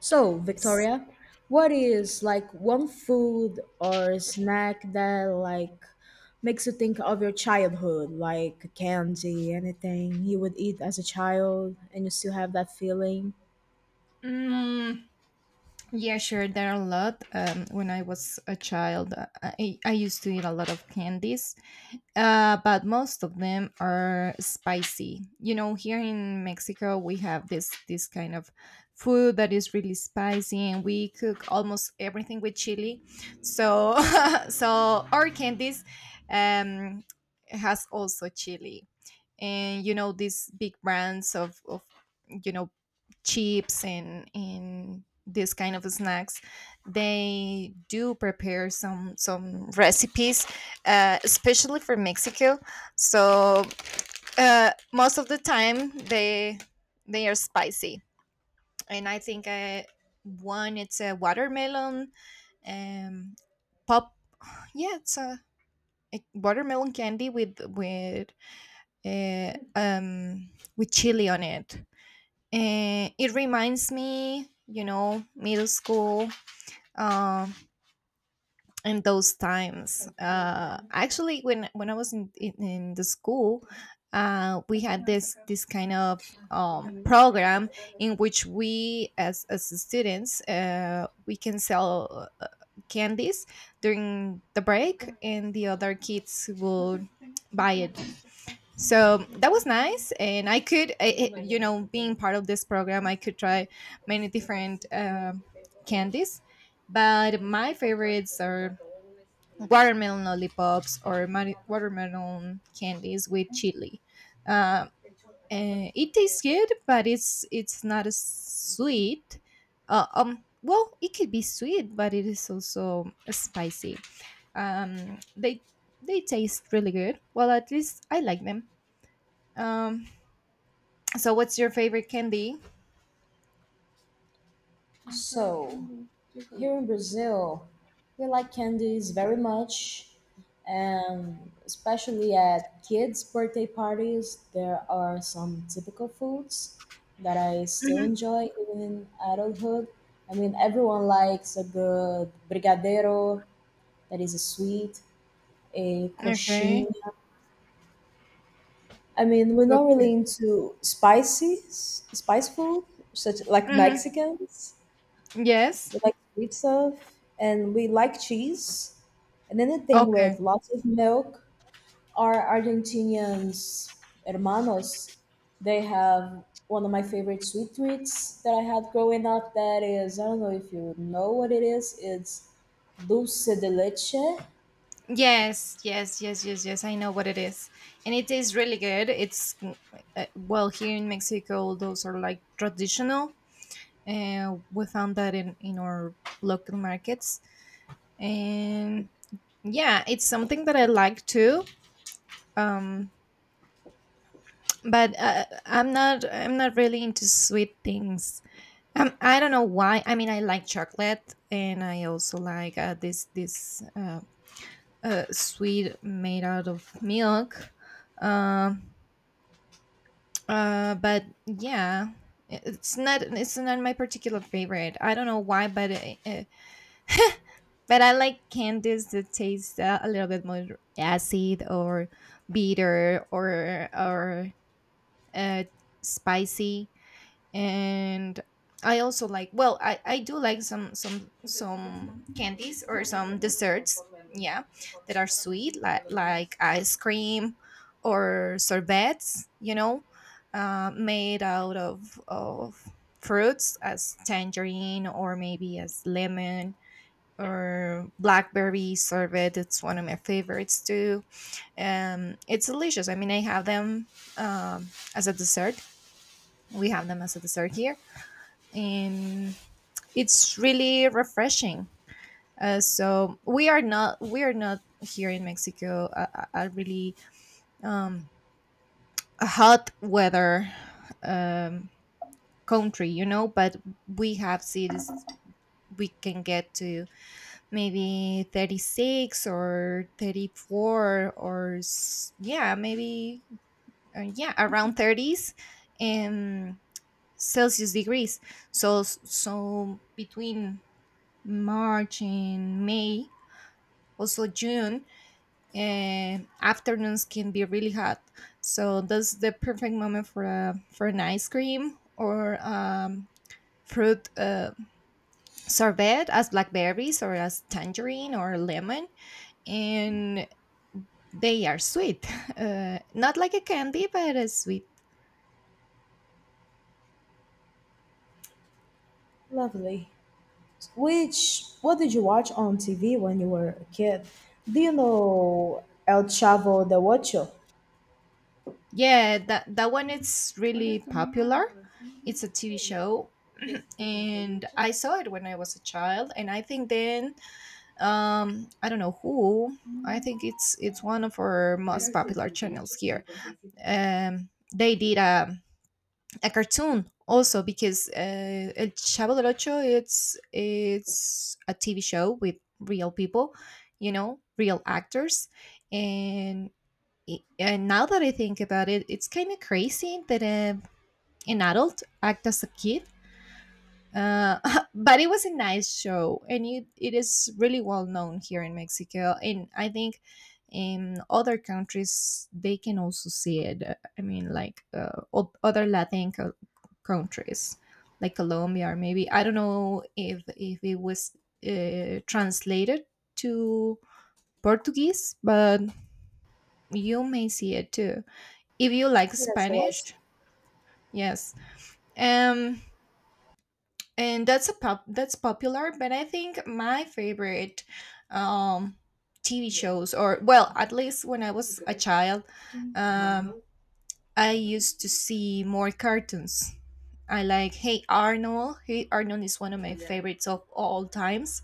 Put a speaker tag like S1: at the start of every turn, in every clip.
S1: So, Victoria, what is like one food or snack that makes you think of your childhood, like candy, anything you would eat as a child and you still have that feeling?
S2: Mm, yeah, sure. There are a lot. When I was a child, I used to eat a lot of candies, but most of them are spicy. You know, here in Mexico, we have this kind of food that is really spicy, and we cook almost everything with chili. So, so our candies um, has also chili, and you know these big brands of you know chips and this kind of snacks they do prepare some recipes especially for mexico so most of the time they are spicy, and I think one it's a watermelon um pop. Yeah, it's a watermelon candy with uh, um with chili on it. It reminds me, you know, middle school um, and those times. Actually, when I was in the school, we had this kind of program in which we, as students, we can sell candies during the break, and the other kids would buy it, so that was nice, and I could I- you know being part of this program I could try many different candies. But my favorites are watermelon lollipops or watermelon candies with chili, uh, and it tastes good, but it's not as sweet. Well, it could be sweet, but it is also spicy. um they they taste really good, well, at least I like them. um so, what's your favorite candy?
S1: So, here in Brazil, we like candies very much, and especially at kids' birthday parties, there are some typical foods that I still
S2: Mhm.
S1: enjoy even in adulthood. I mean, everyone likes a good brigadeiro, that is a sweet, a
S2: Okay.
S1: coxinha. I mean, we're not
S2: Okay.
S1: really into spices, spice food, such like
S2: Mhm.
S1: Mexicans.
S2: Yes.
S1: We like sweet stuff and we like cheese. And anything
S2: Okay.
S1: with lots of milk. Our Argentinians hermanos, they have one of my favorite sweet treats that I had growing up. That is, I don't know if you know what it is. It's dulce de leche.
S2: Yes, yes, yes, yes, yes. I know what it is, and it is really good. Well, here in Mexico, those are like traditional. We found that in our local markets, and yeah, it's something that I like too. Um, but I'm not really into sweet things. I don't know why. I mean, I like chocolate, and I also like this this sweet made out of milk. Um, but yeah, it's not my particular favorite. I don't know why, but but I like candies that taste a little bit more acid or bitter or uh, spicy. And I also like, well, I do like some candies or some desserts, yeah, that are sweet, like ice cream or sorbets, you know, made out of fruits as tangerine, or maybe as lemon, or blackberry sorbet. It's one of my favorites too. It's delicious. I mean, I have them um as a dessert. We have them as a dessert here, and it's really refreshing. So we are not here in Mexico a, a really um, a hot weather um, country, you know, but we have cities we can get to maybe 36 or 34 or yeah, maybe yeah, around 30s and Celsius degrees. So so between March and May, also June, and afternoons can be really hot. So that's the perfect moment for a for an ice cream, or fruit sorbet as blackberries, or as tangerine or lemon, and they are sweet, not like a candy, but a sweet.
S1: Lovely. Which, what did you watch on TV when you were a kid? Do you know El Chavo de Ocho?
S2: Yeah, that that one is really popular. It's a TV show, and I saw it when I was a child, and I think then I don't know who I think it's one of our most popular channels here. They did a cartoon also, because el chavo del ocho, it's a TV show with real people, you know, real actors. And and now that I think about it, it's kind of crazy that an adult act as a kid, uh, but it was a nice show, and it is really well known here in Mexico, and I think in other countries they can also see it. I mean, like other Latin countries, like Colombia, or maybe I don't know if it was translated to Portuguese, but you may see it too if you like
S1: Yes, it was.
S2: Spanish. Yes, um, and that's a pop that's popular, but I think my favorite um TV shows, or well, at least when I was a child, um I used to see more cartoons. I like Hey Arnold is one of my favorites of all times.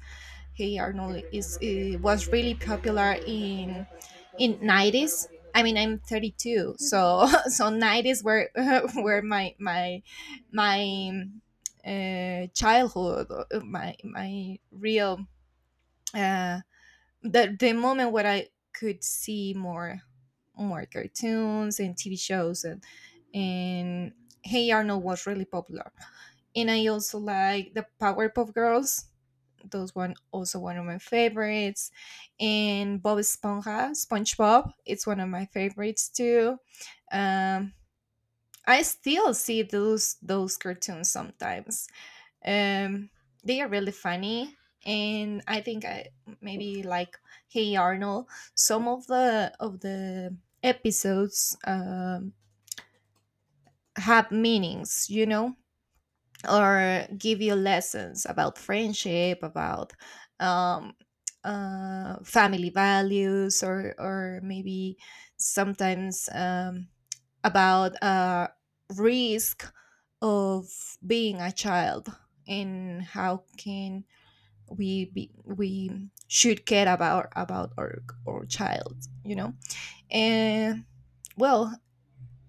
S2: Hey Arnold is it was really popular in 90s. I mean, I'm 32, so so 90s were were my my childhood, my real uh, the moment where I could see more more cartoons and TV shows and Hey Arnold was really popular. And I also like the Powerpuff Girls. Those one also one of my favorites. And Bob Esponja, SpongeBob. It's one of my favorites too. Um, I still see those cartoons sometimes. Um, they are really funny, and I think I maybe like Hey Arnold. Some of the episodes have meanings, you know, or give you lessons about friendship, about um, family values, or maybe sometimes about risk of being a child, and how can we should care about our child, you know. And well,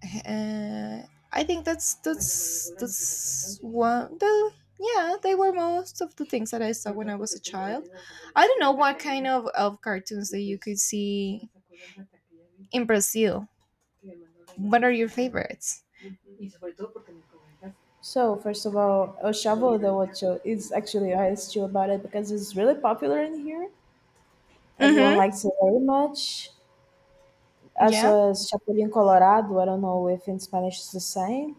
S2: uh, I think that's that's one. The, yeah, they were most of the things that I saw when I was a child. I don't know what kind of cartoons that you could see in Brazil. What are your favorites?
S1: So first of all, El Chavo de Ocho is actually I asked you about it because it's really popular in here. Everyone
S2: Mm-hmm.
S1: likes it very much. As
S2: Yeah.
S1: well as Chapulín Colorado. I don't know if in Spanish it's the same.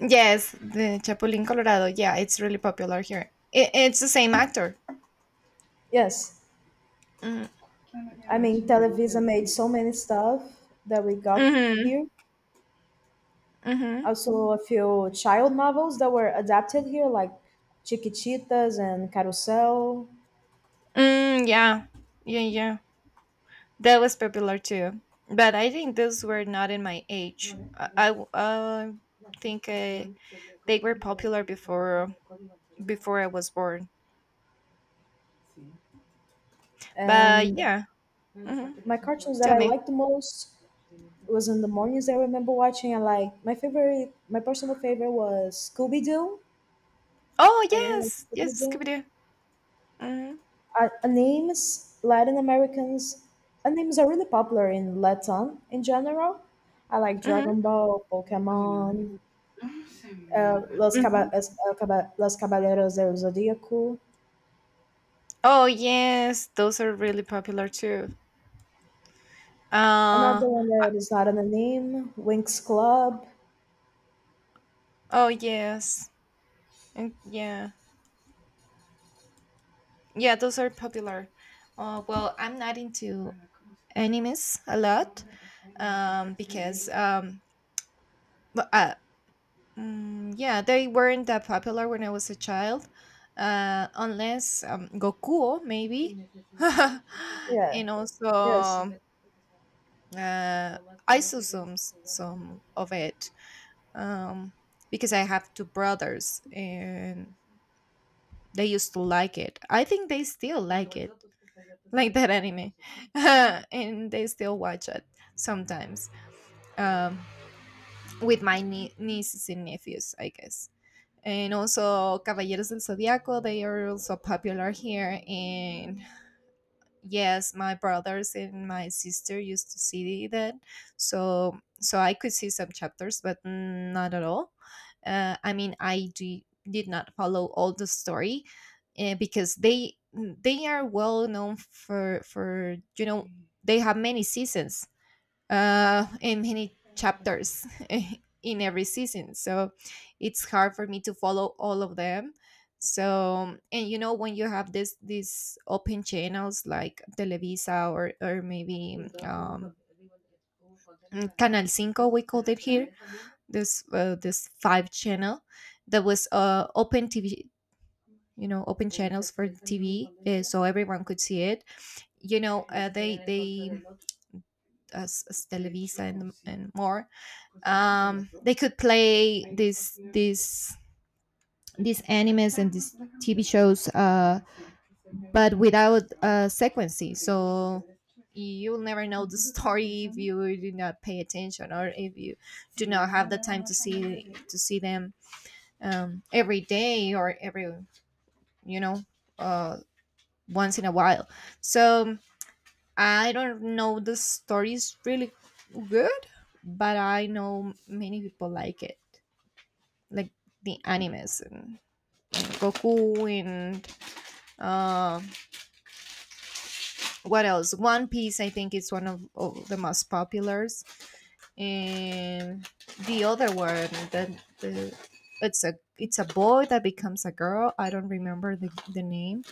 S2: Yes, the Chapulín Colorado. Yeah, it's really popular here. It's the same actor.
S1: Yes,
S2: Mm-hmm.
S1: I mean Televisa made so many stuff that we got
S2: Mm-hmm.
S1: here.
S2: Mm-hmm.
S1: Also a few child novels that were adapted here, like Chiquititas and Carusel.
S2: Mm, yeah. Yeah. Yeah. That was popular too, but I think those were not in my age. I w- think I, They were popular before before I was born. But
S1: And
S2: yeah, hmm,
S1: my cartoons that
S2: tell
S1: I
S2: me.
S1: like the most, it was in the mornings that I remember watching. And like my favorite, my personal favorite was Scooby Doo.
S2: Oh
S1: I really like
S2: yes,
S1: Scooby
S2: yes, Scooby
S1: Doo.
S2: Doo. Hmm.
S1: Names, Latin Americans, names are really popular in Latin in general. I like
S2: Hmm.
S1: Dragon Ball, Pokemon, Los,
S2: Hmm.
S1: Los Caballeros del Zodíaco.
S2: Oh yes, those are really popular too. Uh,
S1: Another one that is not in a name, Winx Club.
S2: oh yes, mm, yeah. Yeah, those are popular. Well, I'm not into animes a lot um, because, um, but, uh, yeah, they weren't that popular when I was a child, unless Goku maybe,
S1: Yeah,
S2: and also
S1: yes.
S2: uh, I saw some of it, um, because I have two brothers and. They used to like it. I think they still like it, like that anime, and they still watch it sometimes um, with my nieces and nephews, I guess. And also, Caballeros del Zodiaco, they are also popular here, and yes, my brothers and my sister used to see that, so so I could see some chapters, but not at all. I mean, did not follow all the story, because they are well known for, you know, they have many seasons, and many chapters in every season. So it's hard for me to follow all of them. So, and you know, when you have this these open channels, like Televisa, or maybe Canal Cinco we called it here, this five channel that was open TV, you know, open channels for TV, so everyone could see it, you know, they as Televisa and more, they could play these animes and these TV shows, but without sequencing. So you'll never know the story if you do not pay attention, or if you do not have the time to see them every day, or every, you know, uh, once in a while. So I don't know, the story is really good, but I know many people like it, like the animes and Goku, and uh, what else? One Piece, I think, is one of the most populars, and the other one that the it's a boy that becomes a girl. I don't remember the name.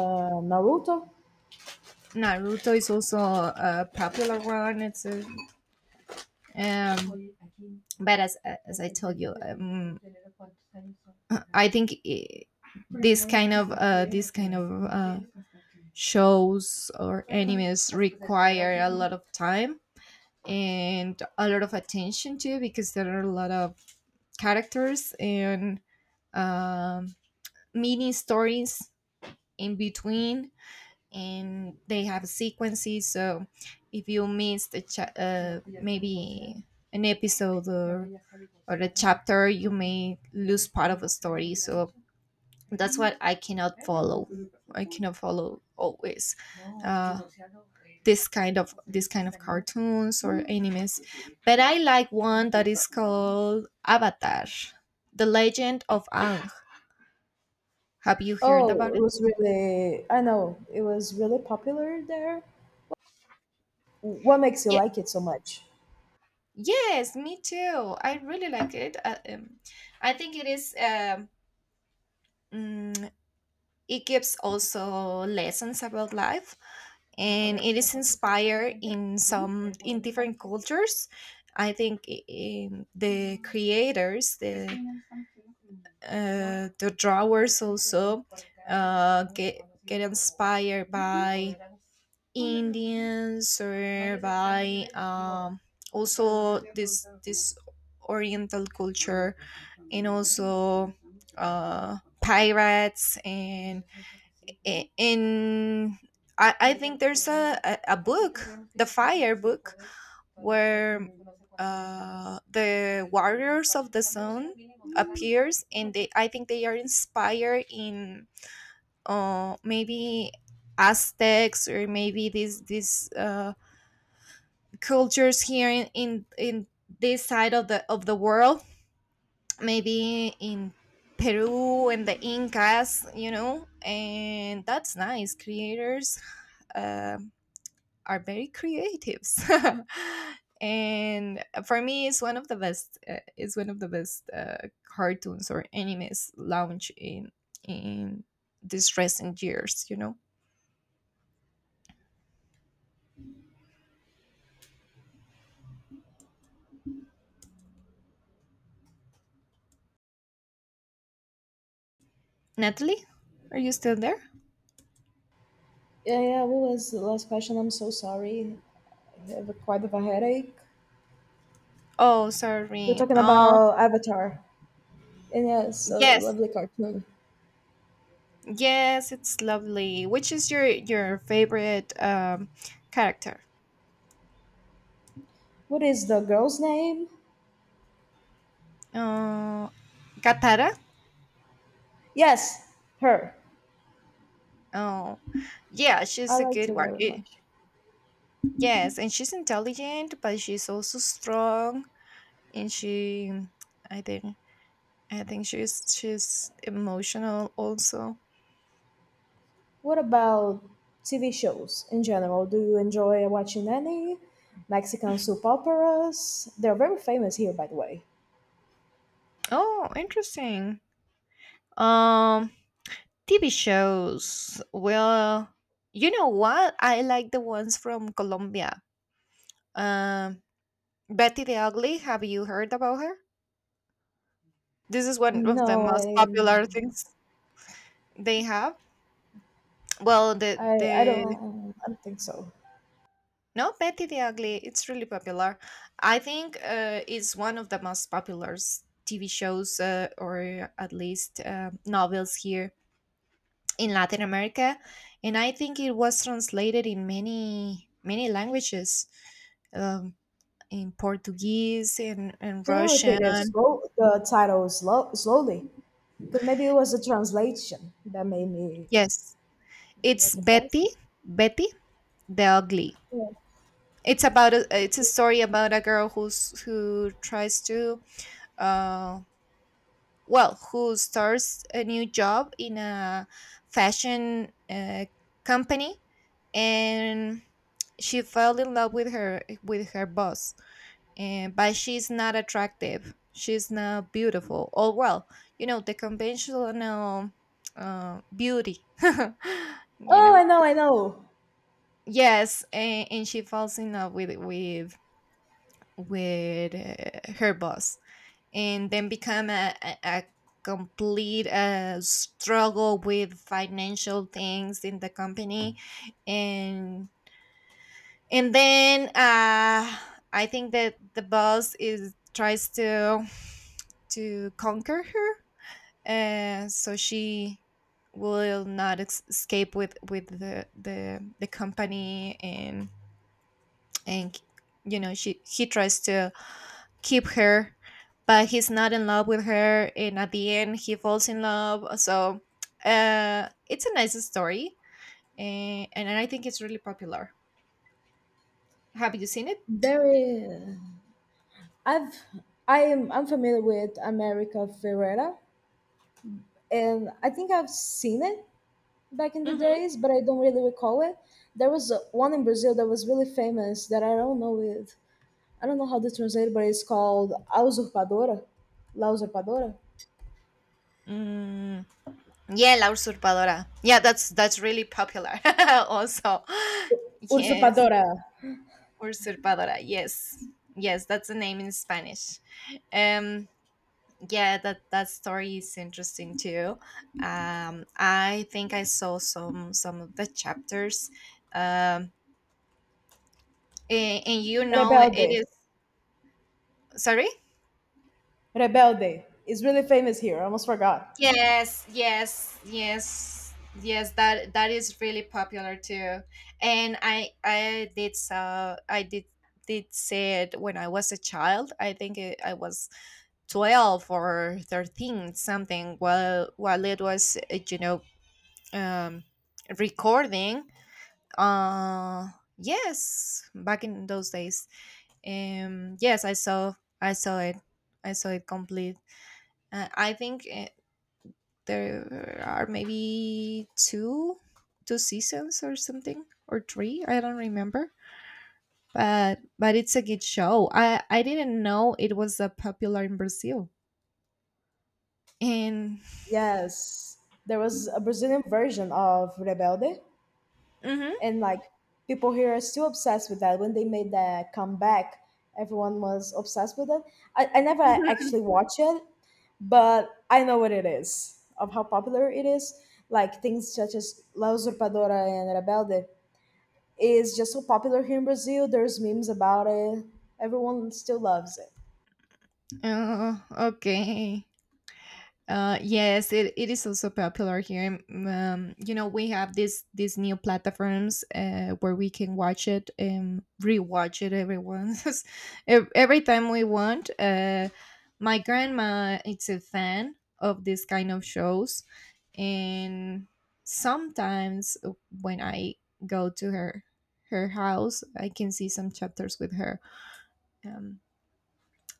S1: Naruto.
S2: Naruto is also a popular one. It's a Um, but as I told you, I think I this kind of shows or animes require a lot of time and a lot of attention too, because there are a lot of characters and um, mini stories in between, and they have sequences. So if you missed maybe an episode or a chapter, you may lose part of a story. So that's what I cannot follow. I cannot follow always uh, this kind of cartoons or animes. But I like one that is called Avatar, The Legend of Aang. Have you heard
S1: Oh,
S2: about
S1: it
S2: it?
S1: was really, I know, it was really popular there. What makes you
S2: Yeah,
S1: like it so much?
S2: yes, me too. I really like it. I think it is. Mm, it gives also lessons about life, and it is inspired in some in different cultures. I think in the creators, the drawers also uh, get get inspired by Indians or by also this Oriental culture, and also uh, pirates and in. I think there's a book, the Fire book, where the Warriors of the Sun appears, and they I think they are inspired in, maybe Aztecs, or maybe these cultures here in this side of the world, maybe in Peru and the Incas, and that's nice. Creators. Um, are very creatives. And for me it's one of the best, it's one of the best, cartoons or animes launched in these recent years. Natalie, are you still there?
S1: Yeah, yeah. What was the last question? I'm so sorry. I have quite of a headache.
S2: Oh,
S1: We're
S2: sorry.
S1: talking
S2: Oh,
S1: about Avatar, and yeah, it's a
S2: yes.
S1: lovely cartoon.
S2: Yes, it's lovely. Which is your favorite, character?
S1: What is the girl's name?
S2: uh Katara.
S1: Yes, her.
S2: Oh, yeah,
S1: I
S2: she's a
S1: liked
S2: good
S1: her
S2: one.
S1: very much.
S2: Yes, and she's intelligent, but she's also strong, and she, I think, I think she's emotional also.
S1: What about TV shows in general? Do you enjoy watching any Mexican soap operas? They're very famous here, by the way.
S2: Oh, interesting. Um, TV shows. Well, you know what? I like the ones from Colombia. Um, Betty the Ugly. Have you heard about her? This is one of the
S1: No,
S2: most popular things they have. Well,
S1: I, I, I
S2: the
S1: don't, I don't think so.
S2: no, Betty the Ugly, it's really popular. I think, it's one of the most popular, TV shows, or at least, novels here in Latin America. And I think it was translated in many, many languages, um, in Portuguese, and
S1: Can you repeat it
S2: Russian.
S1: slow, the title slow, slowly? Because maybe it was a translation that made me
S2: Yes, it's
S1: make it pass.
S2: Betty, Betty the Ugly.
S1: Yeah.
S2: It's about it's a story about a girl who tries to, uh, well, who starts a new job in a fashion, company, and she fell in love with her boss. And but she's not attractive, she's not beautiful, or well, you know, the conventional, beauty. you
S1: Oh,
S2: know
S1: I know, I know.
S2: yes, and she falls in love with, her boss, and then become a complete, struggle with financial things in the company. And and then uh, I think that the boss is tries to conquer her, so she will not, escape with, the company, and she he tries to keep her, but he's not in love with her. And at the end, he falls in love. So, it's a nice story, I think it's really popular. Have you seen it?
S1: There is. I've I am I'm familiar with America Ferrera, and I think I've seen it back in the
S2: Hmm.
S1: days, but I don't really recall it. There was a, one in Brazil that was really famous that I don't know it. I don't know how to translate, it, but it's called A Usurpadora, La Usurpadora,
S2: Mm, yeah, La Usurpadora. Yeah, that's really popular. Also, yes,
S1: Usurpadora,
S2: Usurpadora. Yes, yes, that's the name in Spanish. Um, yeah, that story is interesting too. I think I saw some of the chapters. um and, it
S1: Rebelde.
S2: is. Sorry.
S1: Rebelde is really famous here. I almost forgot.
S2: Yes, yes, yes. Yes, that is really popular too. And I did see it when I was a child. I think I was 12 or 13, something, while it was, um recording. Uh yes, back in those days. Yes, I saw it. I saw it complete. I think, there are maybe two seasons or something, or three, I don't remember. But it's a good show. I didn't know it was that popular in Brazil. And.
S1: Yes, there was a Brazilian version of Rebelde,
S2: Mhm.
S1: and like people here are still obsessed with that. When they made that comeback, everyone was obsessed with it. I never actually watched it, but I know what it is of how popular it is. Like things such as La Usurpadora and Rebelde is just so popular here in Brazil. There's memes about it. Everyone still loves it.
S2: Oh, okay. Yes, it is also popular here. You know, we have these new platforms, where we can watch it and rewatch it every once, every time we want. My grandma is a fan of this kind of shows, and sometimes when I go to her house, I can see some chapters with her. Um,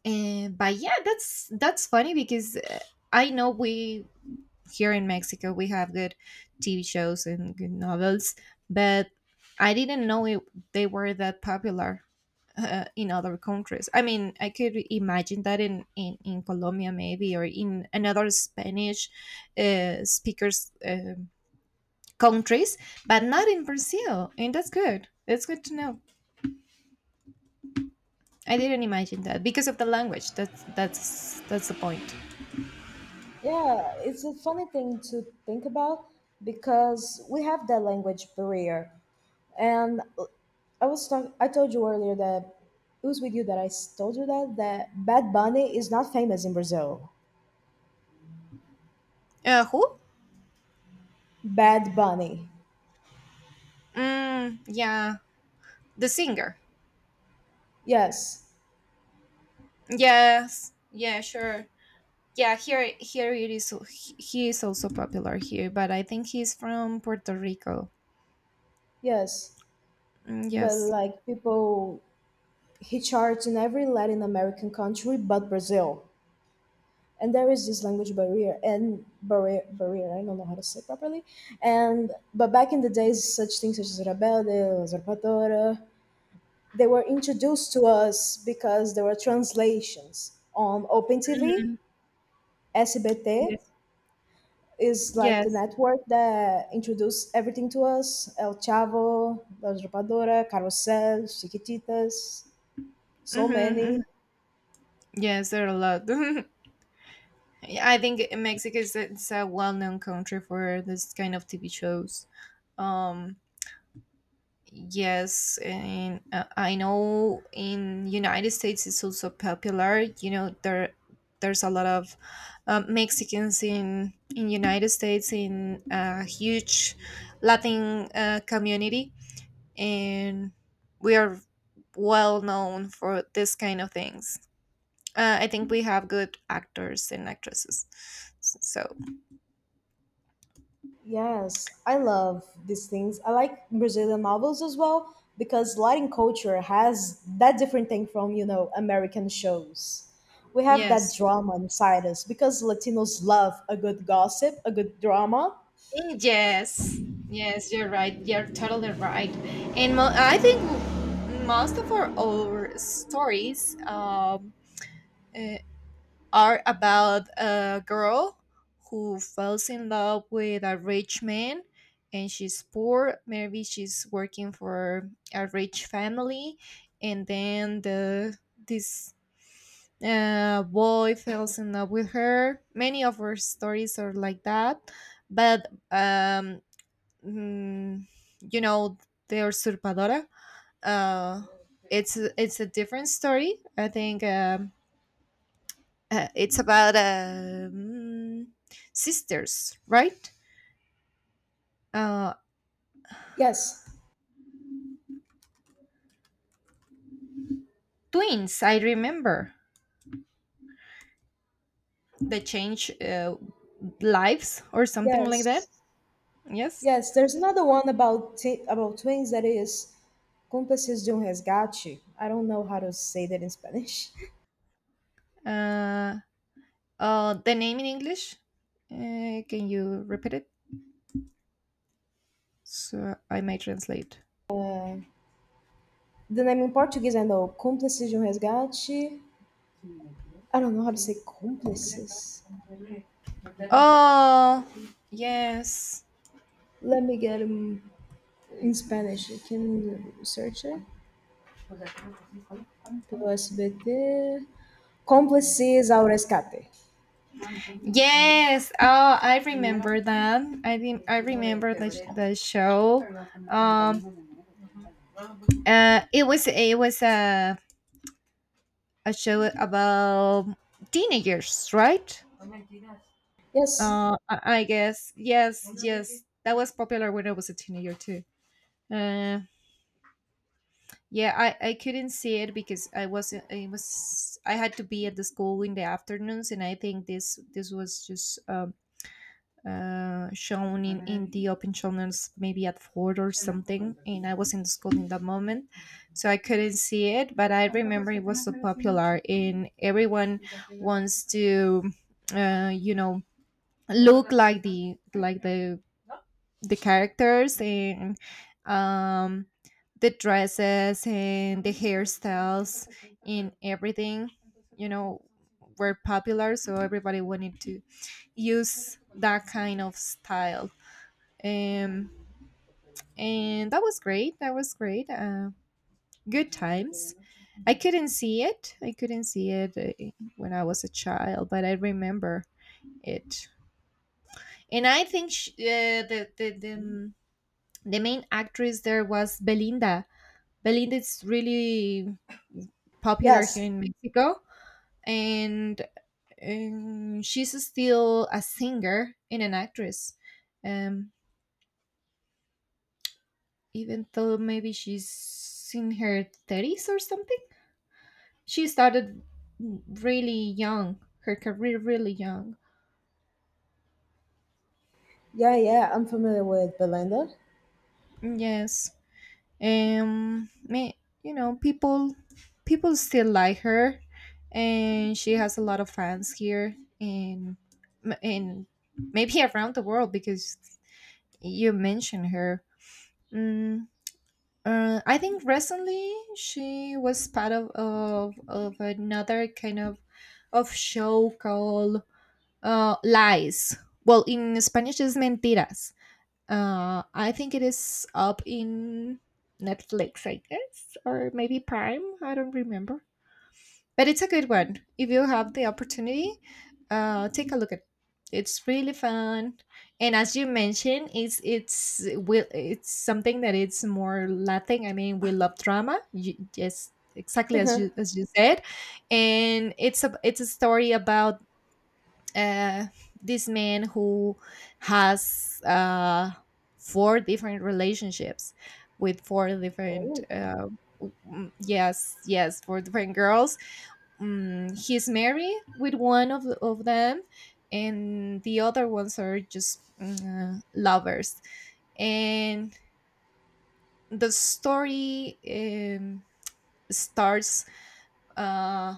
S2: and but yeah, that's funny, because, I know we here in Mexico we have good TV shows and good novels, but I didn't know they were that popular, in other countries. I mean, I could imagine that in Colombia maybe, or in another Spanish, speakers, countries, but not in Brazil. And that's good. That's good to know. I didn't imagine that because of the language. That's the point.
S1: Yeah, it's a funny thing to think about because we have that language barrier. And I was talk I told you earlier that it was with you that told you that Bad Bunny is not famous in Brazil.
S2: Who?
S1: Bad Bunny.
S2: Mm, yeah, the singer.
S1: Yes.
S2: Yes. Yeah, sure. Yeah, here it is. He is also popular here, but I think he's from Puerto Rico.
S1: Yes.
S2: Mm,
S1: But
S2: yes.
S1: like people he charts in every Latin American country but Brazil, and there is this language barrier and barrier, I don't know how to say it properly. And but back in the days, such things such as rebelde, usurpadora, they were introduced to us because there were translations on Open TV,
S2: Mhm.
S1: SBT
S2: Yes.
S1: is like the
S2: Yes.
S1: network that introduced everything to us: El Chavo, La Usurpadora, Carrousel, Chiquititas, so
S2: hmm hmm
S1: many.
S2: yes, there are a lot. Yeah, I think Mexico is it's a well-known country for this kind of TV shows. um Yes, and, I know in United States it's also popular. You know, there's a lot of, Mexicans in United States, in a huge Latin, community, and we are well known for this kind of things. I think we have good actors and actresses. So.
S1: Yes, I love these things. I like Brazilian novels as well because Latin culture has that different thing from, you know, American shows. We have that
S2: Yes,
S1: drama inside us because Latinos love a good gossip, a good drama.
S2: yes, yes, you're right. You're totally right. And I think most of our stories, uh, are about a girl who falls in love with a rich man, and she's poor. Maybe she's working for a rich family, and then the this, boy falls in love with her. Many of our stories are like that, but mm, you know the Usurpadora, uh it's a different story, I think. It's about, sisters, right? uh
S1: Yes.
S2: Twins, I remember. They change, lives or something like that.
S1: Yes.
S2: Yes.
S1: Yes, there's another one about about twins that is Cúmplices de Resgate. I don't know how to say that in Spanish.
S2: uh the name in English, can you repeat it so I may translate?
S1: The name in Portuguese I know, Cúmplices de Resgate. I don't know how to say cúmplices.
S2: Oh, yes.
S1: Let me get him in Spanish. Can you search it? Pelo SBT. Cómplices ao rescate.
S2: Yes. Oh, I remember that. I remember the show. Um, it was a show about teenagers, right?
S1: Yes.
S2: I guess. Yes, yes, that was popular when I was a teenager too. Uh, yeah, I couldn't see it because I wasn't. I had to be at the school in the afternoons, and I think this was just, shown in the open channels, maybe at four or something, and I was in the school in that moment, so I couldn't see it. But I remember it was so popular, and everyone wants to, uh, you know look like the characters, and um the dresses and the hairstyles and everything, you know were popular, so everybody wanted to use that kind of style. um, and that was great. That was great. Good times. I couldn't see it. I couldn't see it, when I was a child, but I remember it. And I think, sh the main actress there was Belinda. Belinda is really popular here
S1: Yes.
S2: in Mexico, and, she's still a singer and an actress, um, even though maybe she's in her thirties or something. She started really young, her career really young.
S1: Yeah, yeah. I'm familiar with Belinda.
S2: Yes. Um me you know, people people still like her, and she has a lot of fans here, in m- in maybe around the world, because you mentioned her. Mm, I think recently she was part of another kind of show called, Lies. Well, in Spanish, it's Mentiras. I think it is up in Netflix, I guess, or maybe Prime. I don't remember. But it's a good one. If you have the opportunity, take a look at it. It's really fun. And as you mentioned, it's something that it's more Latin. I mean, we love drama. Yes, exactly
S1: Uh-huh.
S2: as you said. And it's a story about, uh, this man who has, four different relationships with four different,
S1: Oh,
S2: yes, yes, four different girls. He's married with one of them, and the other ones are just, lovers. And the story, starts, uh,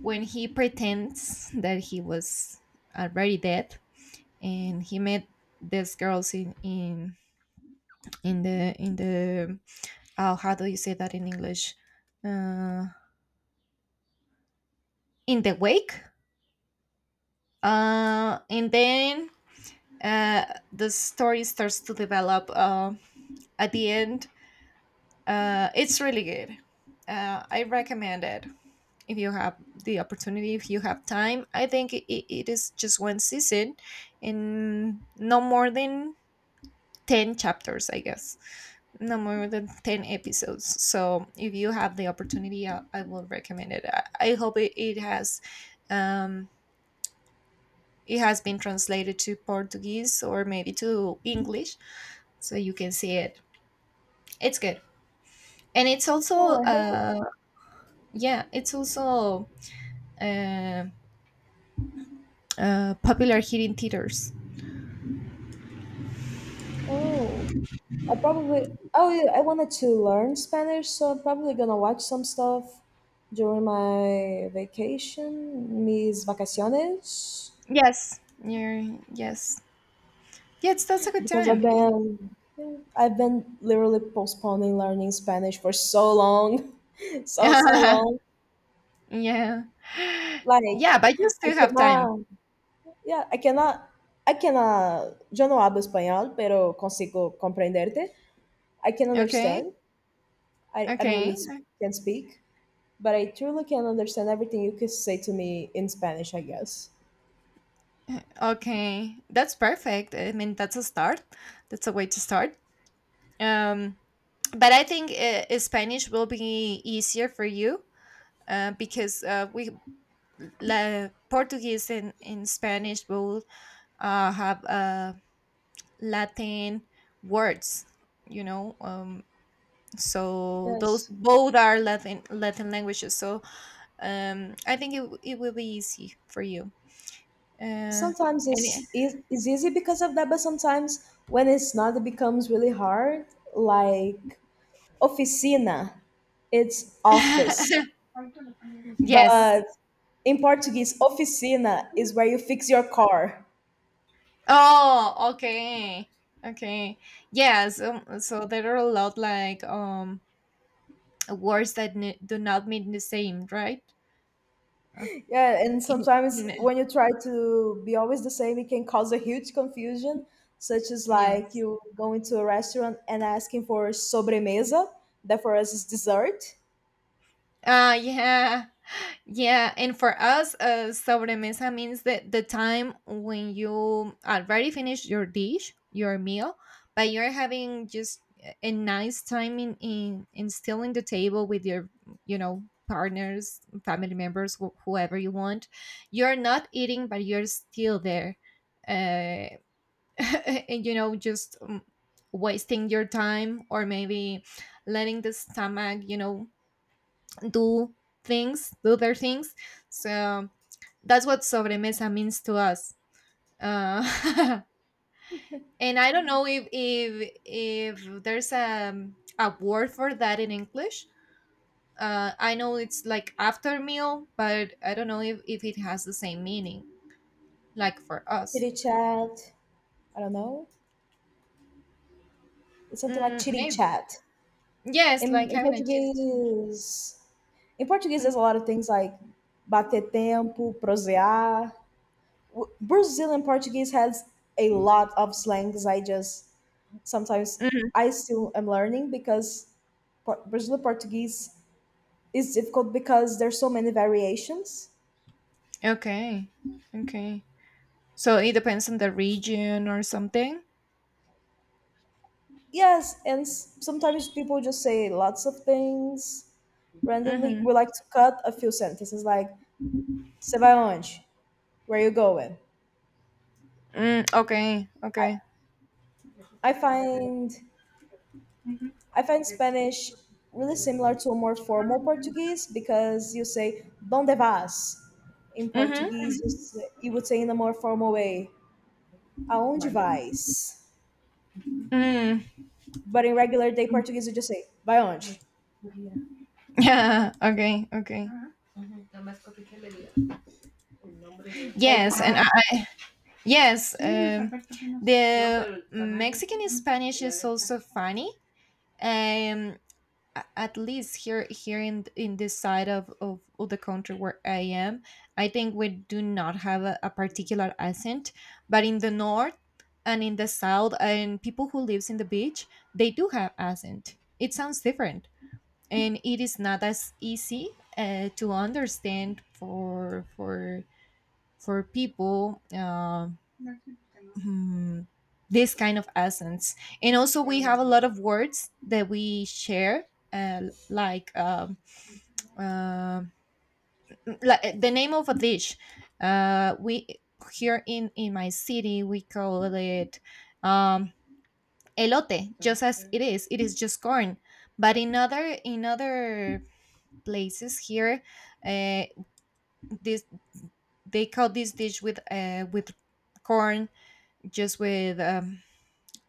S2: when he pretends that he was already dead, and he met these girls in the oh, how do you say that in English? — uh, in the wake. And then, uh, the story starts to develop, at the end. It's really good. I recommend it. If you have the opportunity, if you have time. I think it is just one season, and no more than 10 chapters, I guess, no more than 10 episodes. So if you have the opportunity, I will recommend it. I hope it has, um, it has been translated to Portuguese or maybe to English, so you can see it. It's good, and it's also,
S1: oh, I hope.
S2: uh, yeah, it's also, uh, popular here in theaters.
S1: Oh, I probably. Oh, yeah, I wanted to learn Spanish, so I'm probably gonna watch some stuff during my vacation, mis vacaciones.
S2: Yes, you yes, yes, that's a good
S1: Because
S2: time.
S1: I've been literally postponing learning Spanish for so long, so so long.
S2: Yeah,
S1: Like
S2: yeah, but you
S1: I
S2: still have time.
S1: cannot, yeah, I cannot, I cannot. Yo no hablo español, pero consigo comprenderte. I can
S2: Okay,
S1: understand. I don't really
S2: okay.
S1: can speak, but I truly can understand everything you could say to me in Spanish. I guess.
S2: Okay, that's perfect. I mean, that's a start. That's a way to start. Um, but I think, Spanish will be easier for you, because, we, Portuguese and in Spanish will, have, Latin words. You know, so those
S1: Yes.
S2: both are Latin languages. So. I think it will be easy for you. Uh,
S1: Sometimes
S2: and.
S1: it's easy because of that, but sometimes when it's not, it becomes really hard. Like oficina, it's office.
S2: it- Yes.
S1: But in Portuguese, oficina is where you fix your car.
S2: Oh, okay. Okay. Yeah, so there are a lot, like, words that, n do not mean the same, right? Uh,
S1: Yeah, and
S2: in,
S1: sometimes
S2: in,
S1: when you try to be always the same, it can cause a huge confusion, such as like
S2: yes.
S1: you go into a restaurant and asking for sobremesa, that for us is dessert.
S2: Yeah. Yeah, and for us, sobremesa means that the time when you already finished your dish, your meal, but you're having just a nice time, in, still in the table with your, you know, partners, family members, whoever you want. You're not eating, but you're still there. uh, and, just, wasting your time, or maybe letting the stomach, you know, do do their things. So that's what sobremesa means to us. Uh, and I don't know if if there's a word for that in English. I know it's like after meal, but I don't know if it has the same meaning, like for us.
S1: Chitty chat, I don't know. It's something like
S2: Mm,
S1: chitty
S2: maybe.
S1: chat.
S2: Yes,
S1: In,
S2: like
S1: in
S2: having a chit.
S1: Portuguese, in Portuguese,
S2: Mm.
S1: there's a lot of things like bater tempo, prosear, Brazilian Portuguese has a lot of slangs. I just sometimes
S2: Mhm.
S1: I still am learning because Brazilian Portuguese is difficult because there's so many variations.
S2: Okay. Okay. So it depends on the region or something.
S1: Yes, and sometimes people just say lots of things randomly.
S2: Mm-hmm.
S1: We like to cut a few sentences like "Você vai onde?" Where you going?
S2: Mm, okay. Okay.
S1: I find I find Spanish really similar to a more formal Portuguese because you say "Donde vas?" In
S2: Mm-hmm.
S1: Portuguese, you, say, you would say in a more formal way, "Aonde vais?"
S2: Mm.
S1: But in regular day Portuguese, you just say "Vai onde?"
S2: Yeah. Okay. Okay.
S1: Like,
S2: Yes, and, yes, um, the Mexican Spanish is also funny. Um, at least here, in this side of the country where I am. I think we do not have a particular accent. But in the north and in the south, and people who lives in the beach, they do have accent. It sounds different, and it is not as easy, to understand for for people, hmm, this kind of essence. And also we have a lot of words that we share, uh, like, uh, like the name of a dish. We here in my city we call it, um, elote, just as it is, it is just corn. But in other places here. Uh, this they call this dish with, with corn, just with,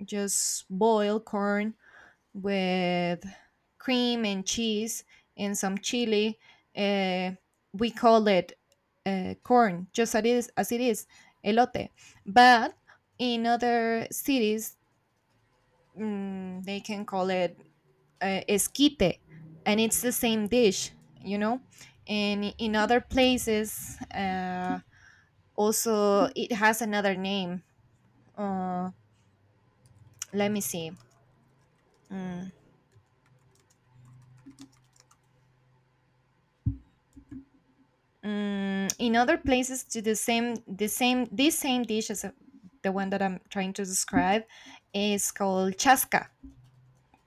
S2: just boiled corn, with cream and cheese and some chili. Uh, we call it, corn, just as it is, elote. But in other cities, they can call it, esquite, and it's the same dish, you know. And in other places, also it has another name. Uh, let me see. Mm, in other places, to the same, this same dish, the one that I'm trying to describe, is called chasca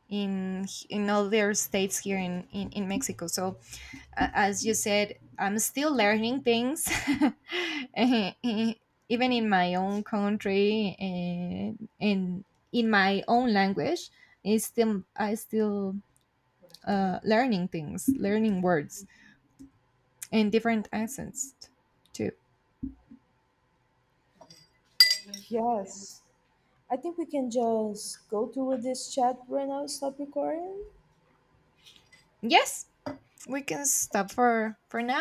S2: in other states, here in Mexico. So, as you said, I'm still learning things. eh, eh, Even in my own country, and in my own language. It's still I still, learning things, learning words, and different accents too.
S1: yes. I think we can just go through with this chat right now. Stop recording.
S2: Yes, we can stop for now.